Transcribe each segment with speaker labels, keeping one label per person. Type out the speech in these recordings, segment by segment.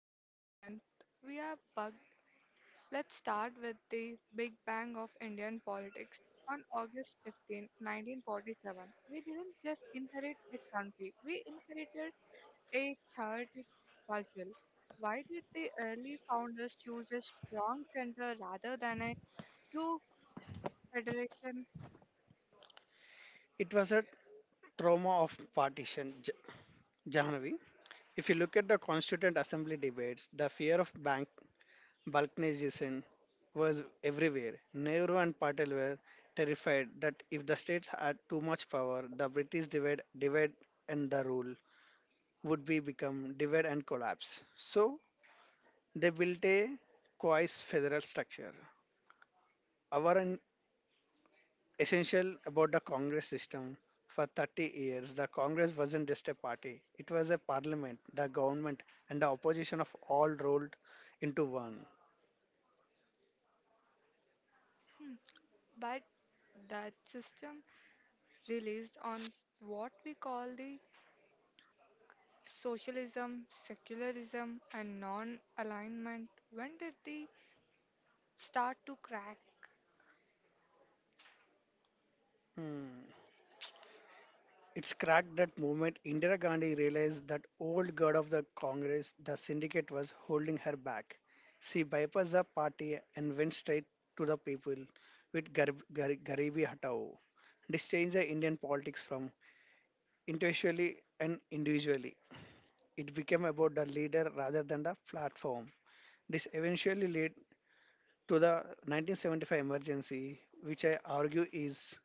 Speaker 1: in Nayant. We are bugged. Let's start with the Big Bang of Indian politics. On August 15, 1947, we didn't just inherit a country, we inherited a chaotic puzzle. Why did the early founders choose a strong center rather than a true federation?
Speaker 2: It was a trauma of partition, Jahanavi. If you look at the Constituent Assembly debates, the fear of bank balkanization was everywhere. Nehru and Patel were terrified that if the states had too much power, the British divide and the rule would be become divide and collapse. So they built a coarse federal structure. Our essential about the Congress system. For 30 years, the Congress wasn't just a party, it was a parliament, the government, and the opposition of all rolled into one.
Speaker 1: But that system released on what we call the Socialism, secularism, and non alignment, when did they start to crack?
Speaker 2: Hmm. It's cracked that movement. Indira Gandhi realized that old god of the Congress, the syndicate, was holding her back. She bypassed the party and went straight to the people with Garibi Hatao. This changed the Indian politics from individually. It became about the leader rather than the platform. This eventually led to the 1975 emergency, which I argue is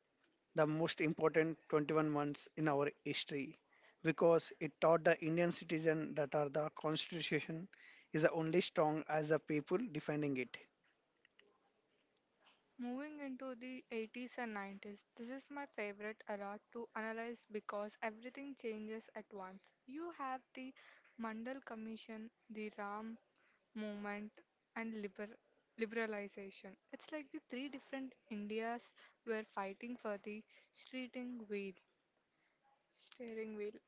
Speaker 2: the most important 21 months in our history because it taught the Indian citizen that our the constitution is only strong as the people defending it.
Speaker 1: Moving into the 80s and 90s, this is my favorite era to analyze because everything changes at once. You have the Mandal Commission, the Ram movement, and liberalization. It's like the three different Indias were fighting for the steering wheel. Steering wheel.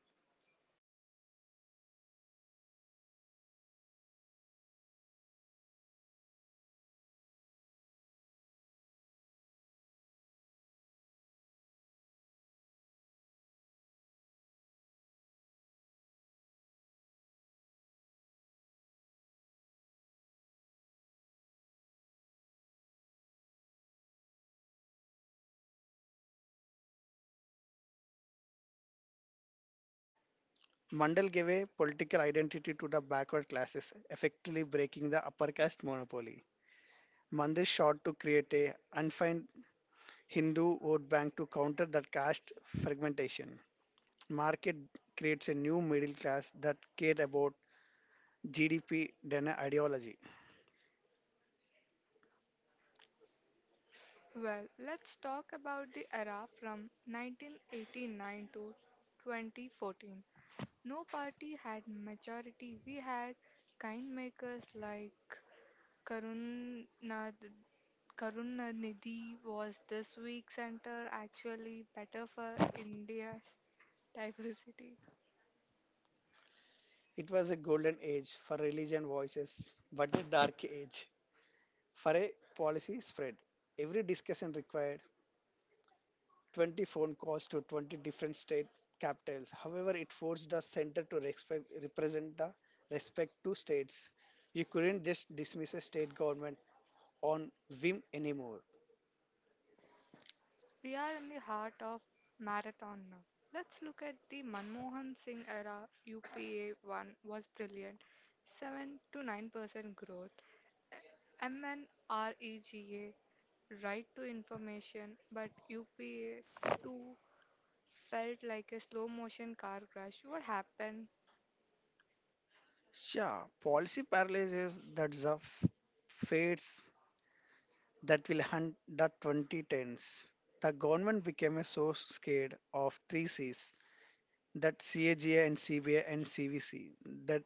Speaker 2: Mandal gave a political identity to the backward classes, effectively breaking the upper caste monopoly. Mandir sought to create a undefined. Hindu vote bank to counter that caste fragmentation. Market creates a new middle class that care about GDP than a ideology.
Speaker 1: Well, let's talk about the era from 1989 to 2014. No party had majority. We had kind makers like Karunad- Karunanidhi. Was this week's center actually better for India's diversity?
Speaker 2: It was a golden age for religion voices, but a dark age for a policy spread. Every discussion required 20 phone calls to 20 different state capitals. However, it forced the center to represent the respect to states. You couldn't just dismiss a state government on whim anymore.
Speaker 1: We are in the heart of marathon now. Let's look at the Manmohan Singh era. UPA 1 was brilliant. 7 to 9% growth. MNREGA, right to information, but UPA 2 felt like a slow motion car crash. What happened?
Speaker 2: Yeah, policy paralysis that's a fates that will hunt the 2010s. The government became so scared of three C's that CAGA and CBA and CVC that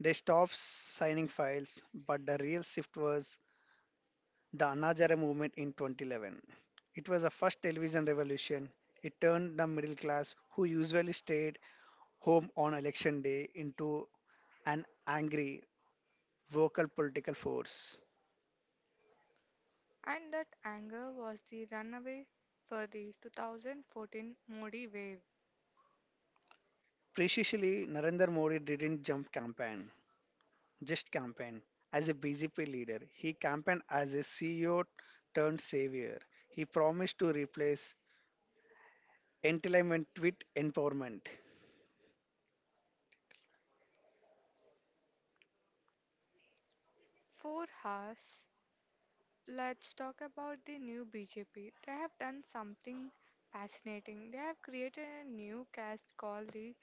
Speaker 2: they stopped signing files. But the real shift was the Anna movement in 2011. It was the first television revolution. It turned the middle class, who usually stayed home on election day, into an angry vocal political force.
Speaker 1: And that anger was the runaway for the 2014 Modi wave.
Speaker 2: Precisely, Narendra Modi didn't just campaign. As a BJP leader, he campaigned as a CEO turned savior. He promised to replace entitlement with empowerment.
Speaker 1: 4 hours. Let's talk about the new BJP. They have done something fascinating. They have created a new caste called the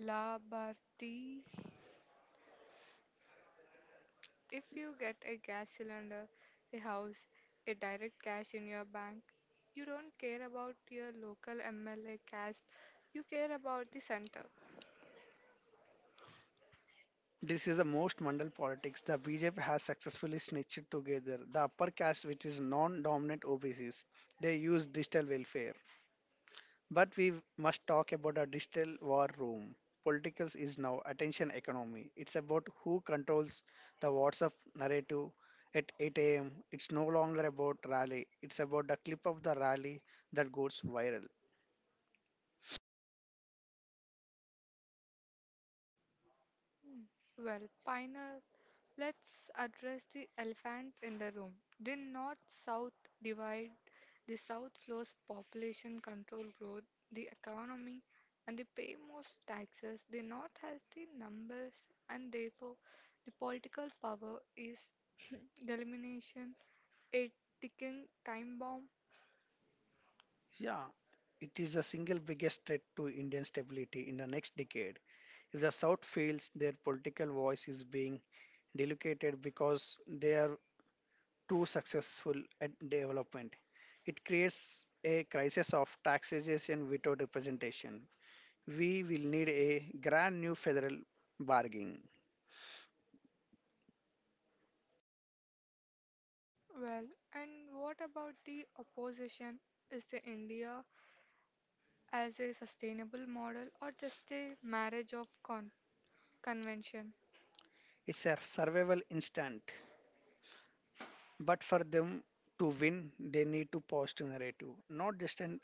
Speaker 1: La Bharti. If you get a gas cylinder, a house, a direct cash in your bank, you don't care about your local MLA caste, you care about the center.
Speaker 2: This is the most mandal politics. The BJP has successfully snitched together the upper caste, which is non-dominant OBCs. They use digital welfare. But we must talk about a digital war room. Politics is now attention economy. It's about who controls the WhatsApp narrative at 8 a.m. It's no longer about rally. It's about the clip of the rally that goes viral.
Speaker 1: Well, final, let's address the elephant in the room. The North South divide, the South slows population control growth, the economy, and they pay most taxes. The North has the numbers, and therefore, the political power is elimination, a ticking time bomb.
Speaker 2: Yeah, it is the single biggest threat to Indian stability in the next decade. If the South fails, their political voice is being diluted because they are to successful at development. It creates a crisis of taxation without representation. We will need a grand new federal bargain.
Speaker 1: Well, and what about the opposition? Is the India as a sustainable model or just a marriage of con? Convention.
Speaker 2: It's a survival instant, but for them to win, they need to positive narrative, not just a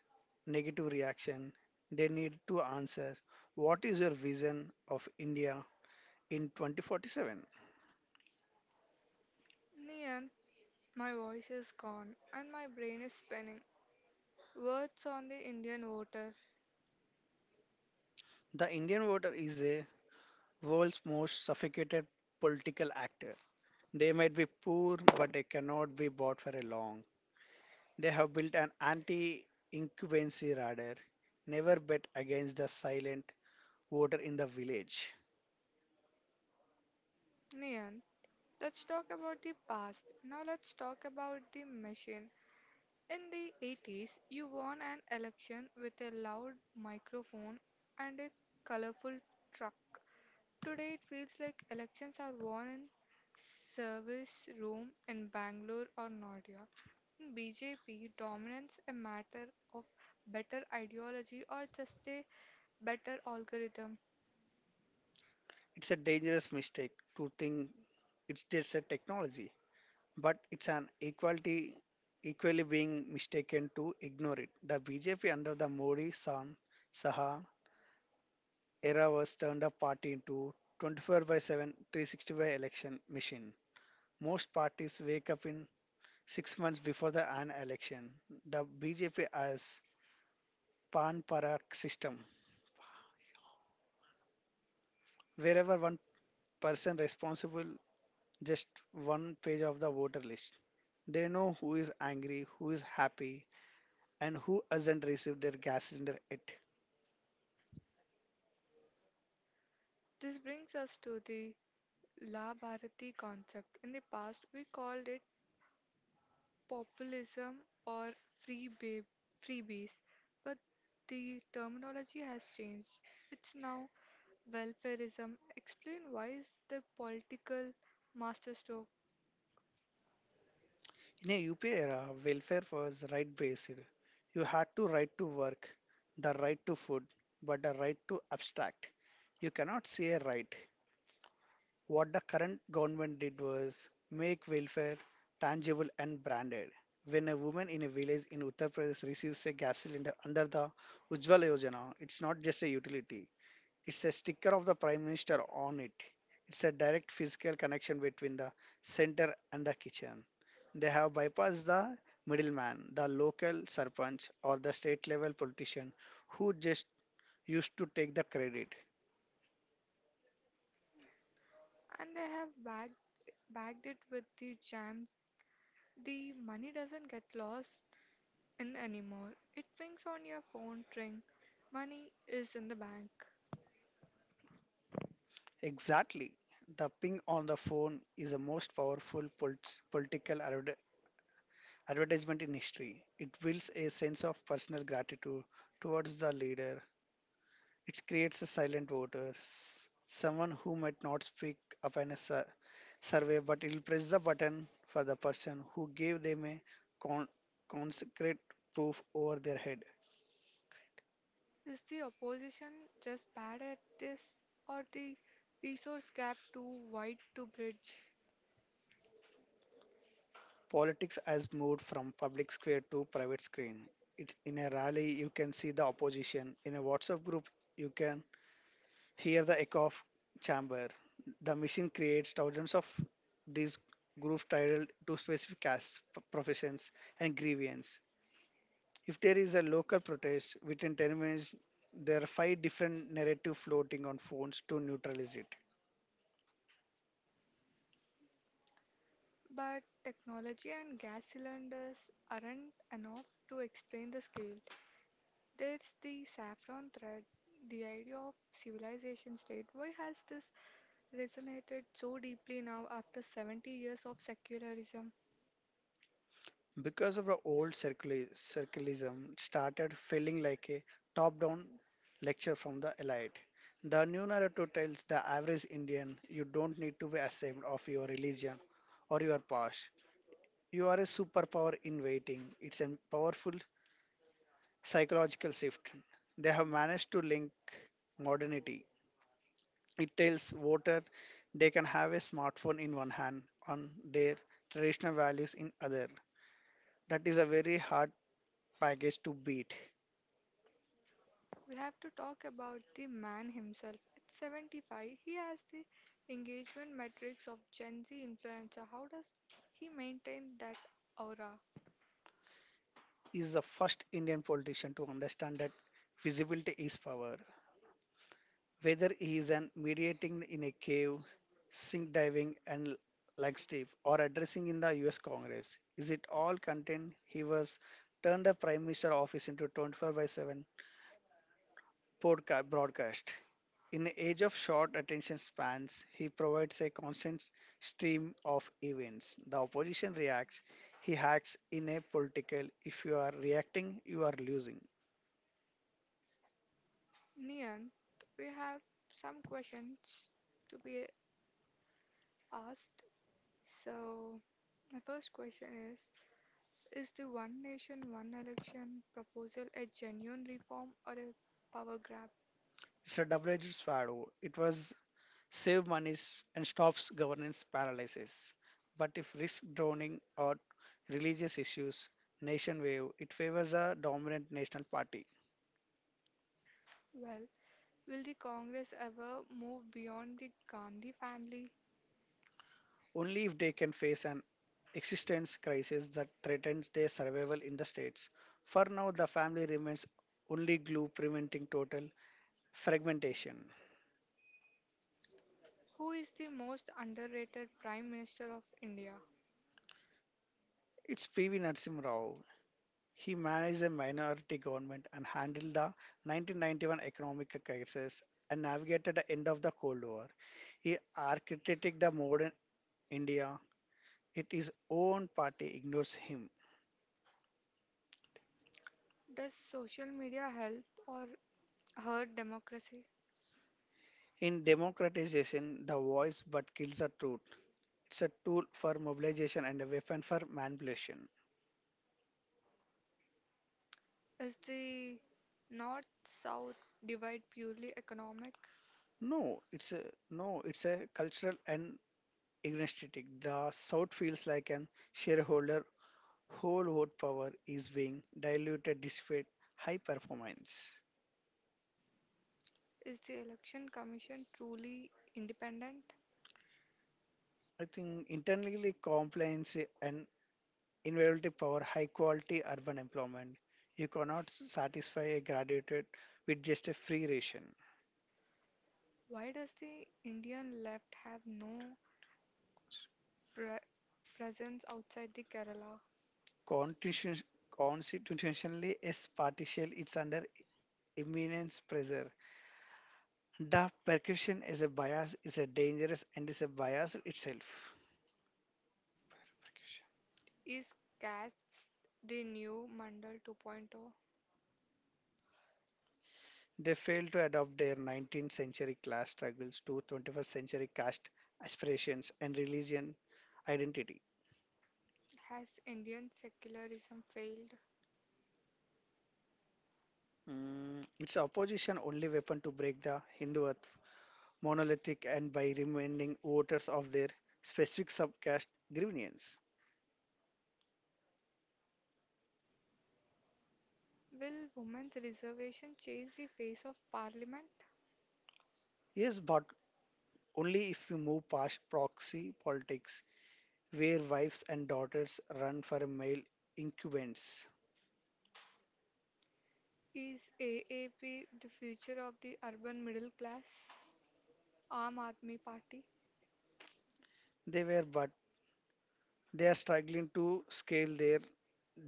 Speaker 2: negative reaction. They need to answer what is your vision of India in 2047?
Speaker 1: Nian, my voice is gone and my brain is spinning. Words on the Indian voter.
Speaker 2: The Indian voter is a world's most suffocated political actor. They might be poor, but they cannot be bought for a long. They have built an anti-incumbency radar. Never bet against the silent voter in the village.
Speaker 1: Nian, let's talk about the past. Now let's talk about the machine. In the 80s, you won an election with a loud microphone and a colorful truck. Today, it feels like elections are won in service room in Bangalore or Noida. In BJP, dominance a matter of better ideology or just a better algorithm?
Speaker 2: It's a dangerous mistake to think it's just a technology, but it's an equality equally being mistaken to ignore it. The BJP under the Modi San Saha era was turned a party into 24 by 7 365 election machine. Most parties wake up in 6 months before the an election. The BJP has pan parak system, wherever one person responsible just one page of the voter list. They know who is angry, who is happy, and who hasn't received their gas cylinder yet.
Speaker 1: This brings us to the La Bharati concept. In the past, we called it populism or free ba- freebies, but the terminology has changed. It's now welfareism. Explain why is the political masterstroke,
Speaker 2: In a UP era, welfare was right based. You had to right to work, the right to food, but the right to abstract. You cannot say a right. What the current government did was make welfare tangible and branded. When a woman in a village in Uttar Pradesh receives a gas cylinder under the Ujjwala Yojana, it's not just a utility. It's a sticker of the Prime Minister on it. It's a direct physical connection between the center and the kitchen. They have bypassed the middleman, the local sarpanch or the state level politician who just used to take the credit.
Speaker 1: and they have bagged it with the jam. The money doesn't get lost in anymore. It pings on your phone tring. Money is in the bank.
Speaker 2: Exactly. The ping on the phone is the most powerful political advertisement in history. It builds a sense of personal gratitude towards the leader. It creates a silent voter, someone who might not speak up in a survey, but will press the button for the person who gave them a con- concrete proof over their head.
Speaker 1: Is the opposition just bad at this or the resource gap too wide to bridge?
Speaker 2: Politics has moved from public square to private screen. It's in a rally you can see the opposition. In a WhatsApp group you can hear the echo of chamber. The machine creates thousands of these groups titled to specific castes, professions, and grievance. If there is a local protest within 10 minutes, there are five different narrative floating on phones to neutralize it.
Speaker 1: But technology and gas cylinders aren't enough to explain the scale. There's the saffron thread, the idea of civilization state. Why has this resonated so deeply now after 70 years of secularism?
Speaker 2: Because of the old circulism started feeling like a top-down lecture from the elite. The new narrative tells the average Indian you don't need to be ashamed of your religion or your past. You are a superpower in waiting. It's a powerful psychological shift. They have managed to link modernity. It tells voter they can have a smartphone in one hand on their traditional values in other. That is a very hard package to beat.
Speaker 1: We have to talk about the man himself. At 75, he has the engagement metrics of Gen Z influencer. How does he maintain that aura?
Speaker 2: Is the first Indian politician to understand that visibility is power. Whether he is an mediating in a cave, sink diving, and like Steve, or addressing in the US Congress, is it all content? He was turned the Prime Minister office into 24 by 7 broadcast. In the age of short attention spans, he provides a constant stream of events. The opposition reacts, he acts in a political. If you are reacting, you are losing.
Speaker 1: Nian, we have some questions to be asked. So, my first question is the One Nation, One Election proposal a genuine reform or a power grab?
Speaker 2: It's a double-edged sword. It was save monies and stops governance paralysis. But if risk drowning or religious issues nation wave, it favors a dominant national party.
Speaker 1: Well, will the Congress ever move beyond the Gandhi family?
Speaker 2: Only if they can face an existence crisis that threatens their survival in the states. For now, the family remains only glue preventing total fragmentation.
Speaker 1: Who is the most underrated Prime Minister of India?
Speaker 2: It's P.V. Narasimha Rao. He managed a minority government and handled the 1991 economic crisis and navigated the end of the Cold War. He architected the modern India. Yet his own party ignores him.
Speaker 1: Does social media help or hurt democracy?
Speaker 2: In democratization, the voice but kills the truth. It's a tool for mobilization and a weapon for manipulation.
Speaker 1: Is the North South divide purely economic?
Speaker 2: No, it's a no, it's a cultural and agnostic. The South feels like an shareholder whole vote power is being diluted despite high performance.
Speaker 1: Is the Election Commission truly independent?
Speaker 2: I think internally compliance and innovative power, high quality urban employment. You cannot satisfy a graduate with just a free ration.
Speaker 1: Why does the Indian left have no pre- presence outside the Kerala?
Speaker 2: Constitution, constitutionally, as partial, it's under immense pressure. The percussion is a bias, is a dangerous and is a bias itself.
Speaker 1: Is caste the new Mandal 2.0?
Speaker 2: They failed to adopt their 19th century class struggles to 21st century caste aspirations and religion identity.
Speaker 1: Has Indian secularism failed?
Speaker 2: It's opposition only weapon to break the Hindu earth monolithic and by reminding voters of their specific subcaste grievance.
Speaker 1: Will women's reservation change the face of parliament?
Speaker 2: Yes, but only if we move past proxy politics where wives and daughters run for male incumbents.
Speaker 1: Is AAP the future of the urban middle class? Aam Aadmi Party?
Speaker 2: They were but they are struggling to scale their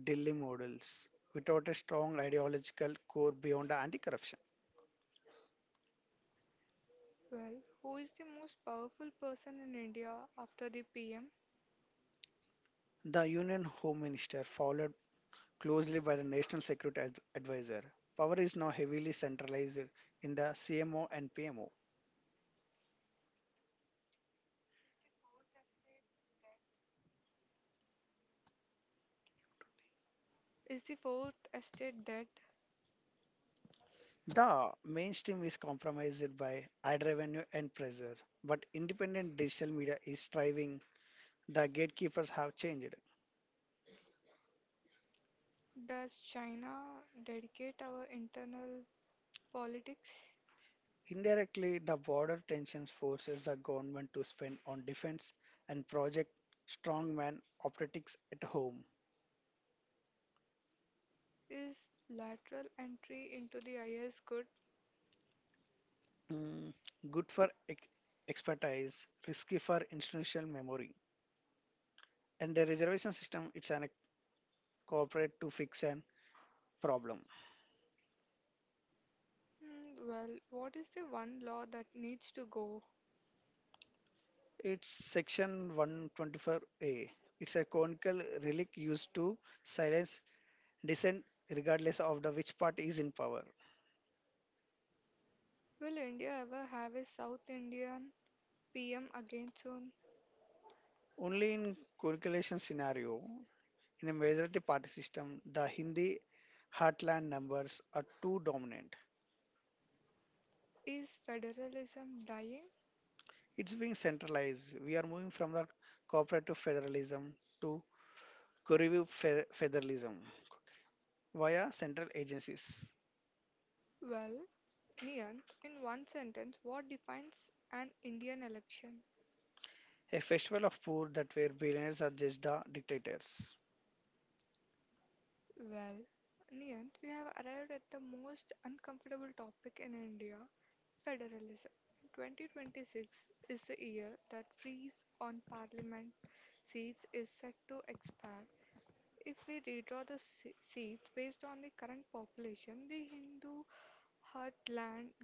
Speaker 2: Delhi models without a strong ideological core beyond anti-corruption.
Speaker 1: Well, who is the most powerful person in India after the PM?
Speaker 2: The Union Home Minister, followed closely by the National Security Advisor, power is now heavily centralized in the CMO and PMO.
Speaker 1: Is the fourth estate dead?
Speaker 2: The mainstream is compromised by ad revenue and pressure, but independent digital media is thriving. The gatekeepers have changed.
Speaker 1: Does China dedicate our internal politics?
Speaker 2: Indirectly, the border tensions forces the government to spend on defense and project strongman operatics at home.
Speaker 1: Is lateral entry into the IS good?
Speaker 2: Mm, good for expertise, risky for institutional memory. And the reservation system, it's an corporate to fix an problem.
Speaker 1: Hmm, well, what is the one law that needs to go?
Speaker 2: It's section 124A. It's a conical relic used to silence dissent regardless of the which party is in power.
Speaker 1: Will India ever have a South Indian PM again soon?
Speaker 2: Only in correlation scenario, in a majority party system, the Hindi heartland numbers are too dominant.
Speaker 1: Is federalism dying?
Speaker 2: It's being centralized. We are moving from the cooperative federalism to Kurivu federalism via central agencies.
Speaker 1: Well, Niyant, in one sentence, what defines an Indian election?
Speaker 2: A festival of poor that where billionaires are just the dictators.
Speaker 1: Well, Niyant, we have arrived at the most uncomfortable topic in India federalism. 2026 is the year that freeze on parliament seats is set to expire. If we redraw the seats based on the current population, the Hindu Hurt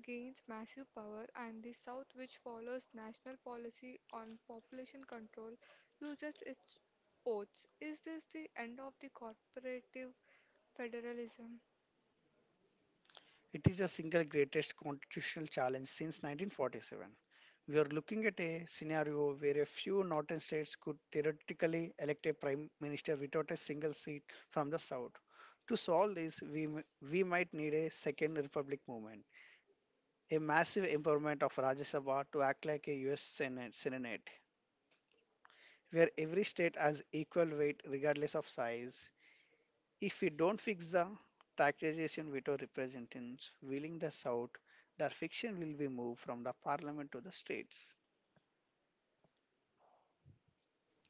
Speaker 1: gains massive power and the South which follows national policy on population control loses its oats. Is this the end of the corporative federalism?
Speaker 2: It is the single greatest constitutional challenge since 1947. We are looking at a scenario where a few northern states could theoretically elect a prime minister without a single seat from the south. To solve this, we might need a second republic movement, a massive empowerment of Rajya Sabha to act like a US Senate, Senate where every state has equal weight regardless of size, if we don't fix the taxation veto representatives wheeling this out, their fiction will be moved from the parliament to the states.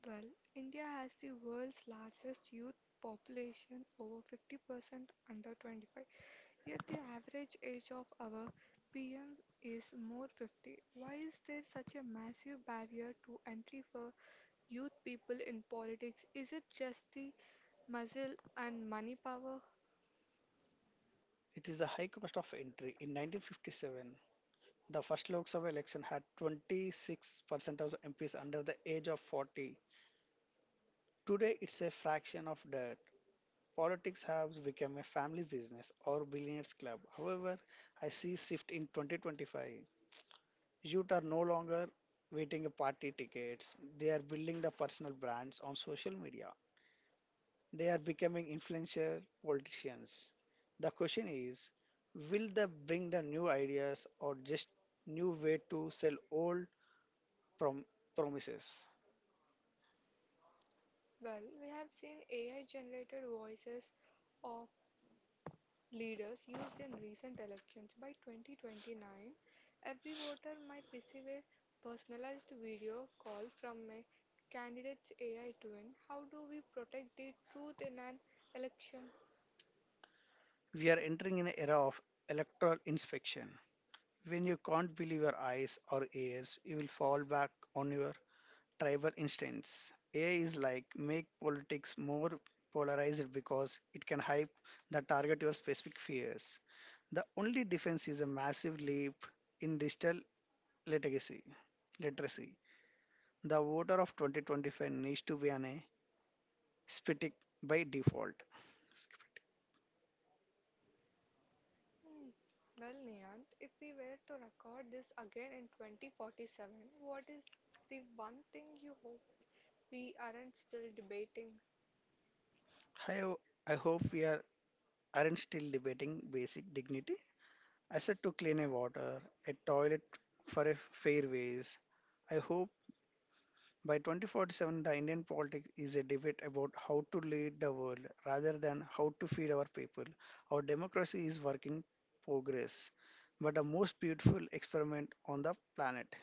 Speaker 1: Well, India has the world's largest youth population over 50% under 25, yet the average age of our PM is more 50. Why is there such a massive barrier to entry for youth people in politics? Is it just the muscle and money power?
Speaker 2: It is a high cost of entry. In 1957, the first Lok Sabha election had 26% of the MPs under the age of 40. Today, it's a fraction of that. Politics has become a family business or billionaires club. However, I see shift in 2025. Youth are no longer waiting a party tickets. They are building the personal brands on social media. They are becoming influential politicians. The question is, will they bring the new ideas or just new way to sell old prom- promises?
Speaker 1: Well, we have seen AI generated voices of leaders used in recent elections. By 2029, every voter might receive a personalized video call from a candidate's AI twin. How do we protect the truth in an election?
Speaker 2: We are entering an era of electoral inspection. When you can't believe your eyes or ears, you will fall back on your tribal instance. AI is like make politics more polarized because it can hype that target your specific fears. The only defense is a massive leap in digital literacy. literacy. The voter of 2025 needs to be an aesthetic by default.
Speaker 1: Hmm. Well, Niyant, if we were to record this again in 2047, what is the one thing you hope we aren't still debating?
Speaker 2: Hi, I hope we are, aren't still debating basic dignity. I said to clean a water, a toilet for a fairways. I hope by 2047, the Indian politics is a debate about how to lead the world rather than how to feed our people. Our democracy is working progress, but the most beautiful experiment on the planet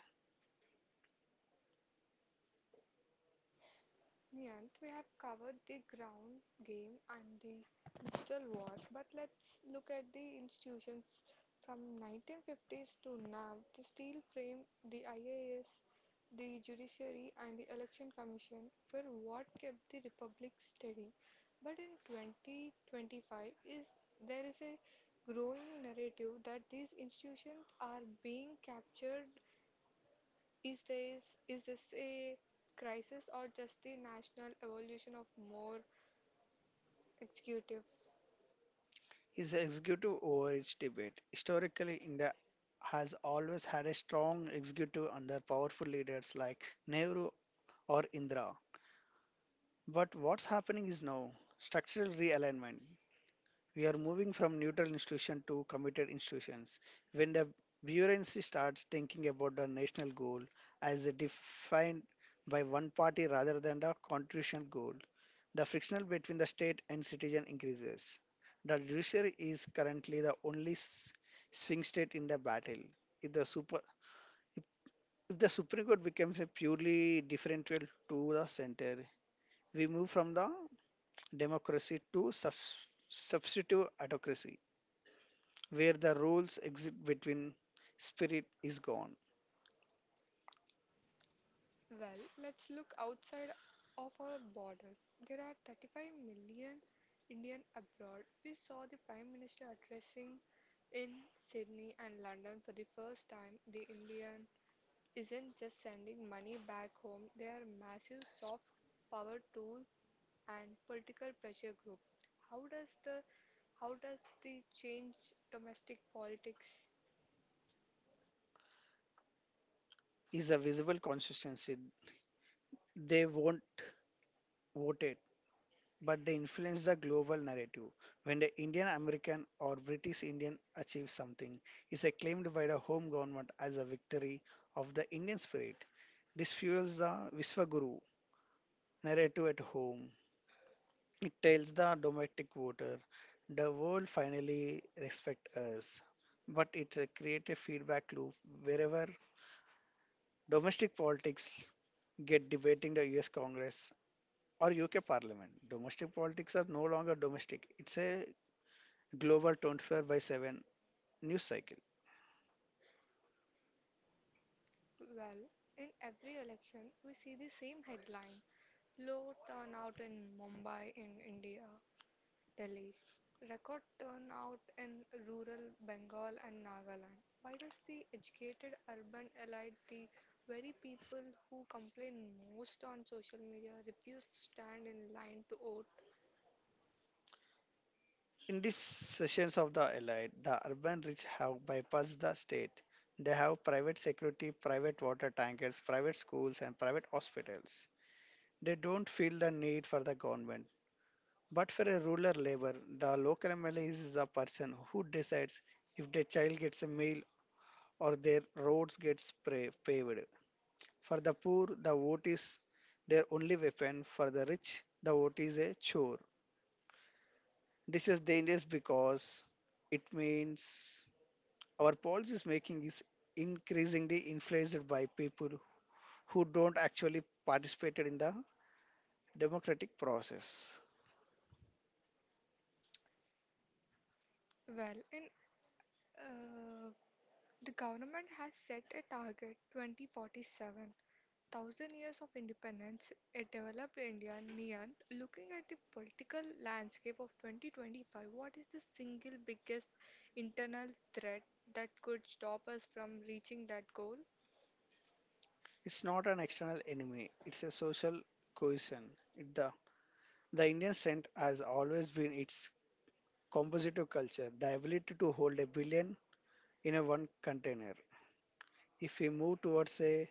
Speaker 1: Niyant, we have covered the ground game and the digital war, but let's look at the institutions from 1950s to now. The steel frame, the IAS, the judiciary, and the election commission were what kept the republic steady. But in 2025, is there is a growing narrative that these institutions are being captured? Is this a crisis or just the national evolution of more executive?
Speaker 2: is the executive over its debate. Historically, India has always had a strong executive under powerful leaders like Nehru or Indira. But what's happening is now structural realignment. We are moving from neutral institution to committed institutions. When the bureaucracy starts thinking about the national goal as a defined by one party rather than the constitutional goal, the friction between the state and citizen increases. The judiciary is currently the only sphinx state in the battle. If the super if if the Supreme Court becomes a purely differential to the center, we move from the democracy to substitute autocracy where the rules exist between spirit is gone.
Speaker 1: Well, let's look outside of our borders. There are 35 million Indian abroad. We saw the Prime Minister addressing in Sydney and London for the first time. The Indian isn't just sending money back home; they are massive soft power tool and political pressure group. How does the How does the change domestic politics?
Speaker 2: Is a visible consistency. They won't vote it, but they influence the global narrative. When the Indian American or British Indian achieves something, is acclaimed by the home government as a victory of the Indian spirit. This fuels the Viswaguru narrative at home. It tells the domestic voter the world finally respect us. But it's a creative feedback loop wherever domestic politics get debating the US Congress or UK Parliament. Domestic politics are no longer domestic. It's a global 24 by 7 news cycle.
Speaker 1: Well, in every election, we see the same headline, low turnout in Mumbai, in India, Delhi, record turnout in rural Bengal and Nagaland. Why does the educated urban elite, the very people who complain most on social media, refuse to stand in line to vote?
Speaker 2: In these sessions of the Allied, the urban rich have bypassed the state. They have private security, private water tankers, private schools, and private hospitals. They don't feel the need for the government. But for a rural labour, the local MLA is the person who decides if their child gets a meal or their roads gets paved. For the poor, the vote is their only weapon. For the rich, the vote is a chore. This is dangerous because it means our policies making is increasingly influenced by people who don't actually participate in the democratic process.
Speaker 1: Well, in uh, the government has set a target 2047 thousand years of independence, a developed India. Niyant, looking at the political landscape of 2025, what is the single biggest internal threat that could stop us from reaching that goal?
Speaker 2: It's not an external enemy, it's a social cohesion. It- The, the Indian strength has always been its compositive culture, the ability to hold a billion in a one container. If we move towards a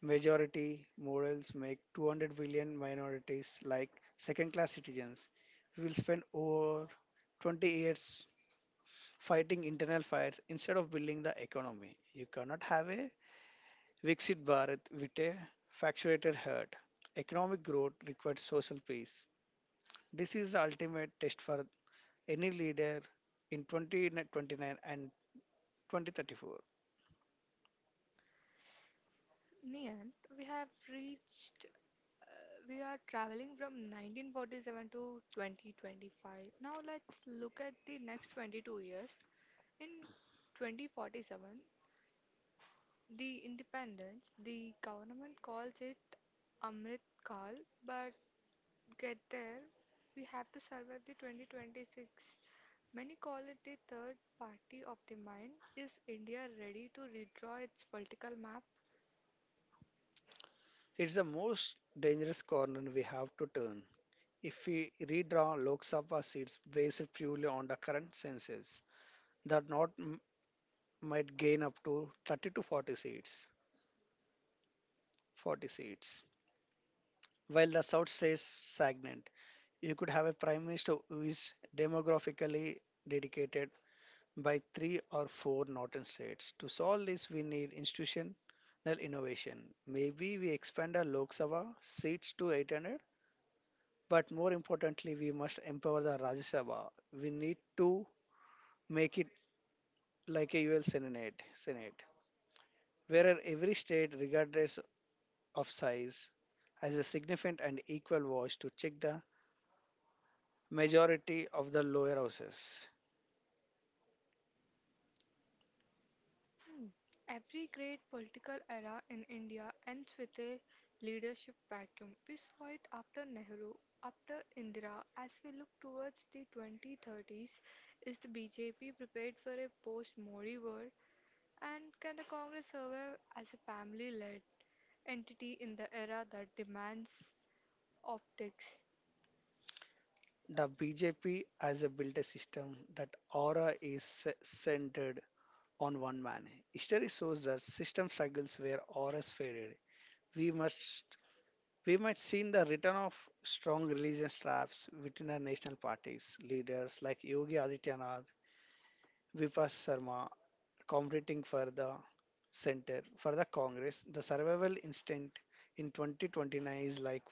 Speaker 2: majority, models make 200 billion minorities like second class citizens. We will spend over 20 years fighting internal fires instead of building the economy. You cannot have a Viksit Bharat with a fractured heart. Economic growth requires social peace. This is the ultimate test for any leader in 2029 and 2034.
Speaker 1: Niyant, we have we are traveling from 1947 to 2025. Now let's look at the next 22 years. In 2047, the independence, the government calls it Amrit Kal, but get there, we have to survive the 2026. Many call it the third party of the mind. Is India ready to redraw its political map?
Speaker 2: It's the most dangerous corner we have to turn. If we redraw Lok Sabha seats based purely on the current census, the might gain up to 30 to 40 seats. 40 seats. While the South stays stagnant, you could have a prime minister who is demographically dedicated by three or four northern states. To solve this, we need institutional innovation. Maybe we expand our Lok Sabha seats to 800, but more importantly, we must empower the Rajya Sabha. We need to make it like a UL Senate, Senate, where every state, regardless of size, has a significant and equal voice to check the majority of the lower houses.
Speaker 1: Hmm. Every great political era in India ends with a leadership vacuum. We saw it after Nehru, after Indira. As we look towards the 2030s, is the BJP prepared for a post Modi world? And can the Congress survive as a family led entity in the era that demands optics?
Speaker 2: The BJP has a built a system that aura is centered on one man. History shows that system struggles where auras faded. We must we might see the return of strong religion straps within our national parties. Leaders like Yogi Adityanath, Vipas Sarma, competing for the center for the Congress. The survival instinct in 2029 is like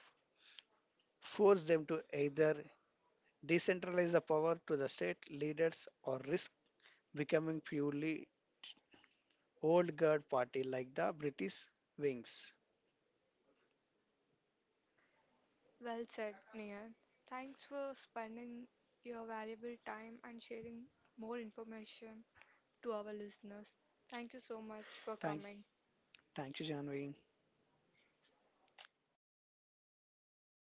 Speaker 2: force them to either decentralize the power to the state leaders or risk becoming purely old guard party like the British Wings.
Speaker 1: Well said, Nia. Thanks for spending your valuable time and sharing more information to our listeners. Thank you so much for
Speaker 2: Thank,
Speaker 1: coming.
Speaker 2: thank you, Janvi.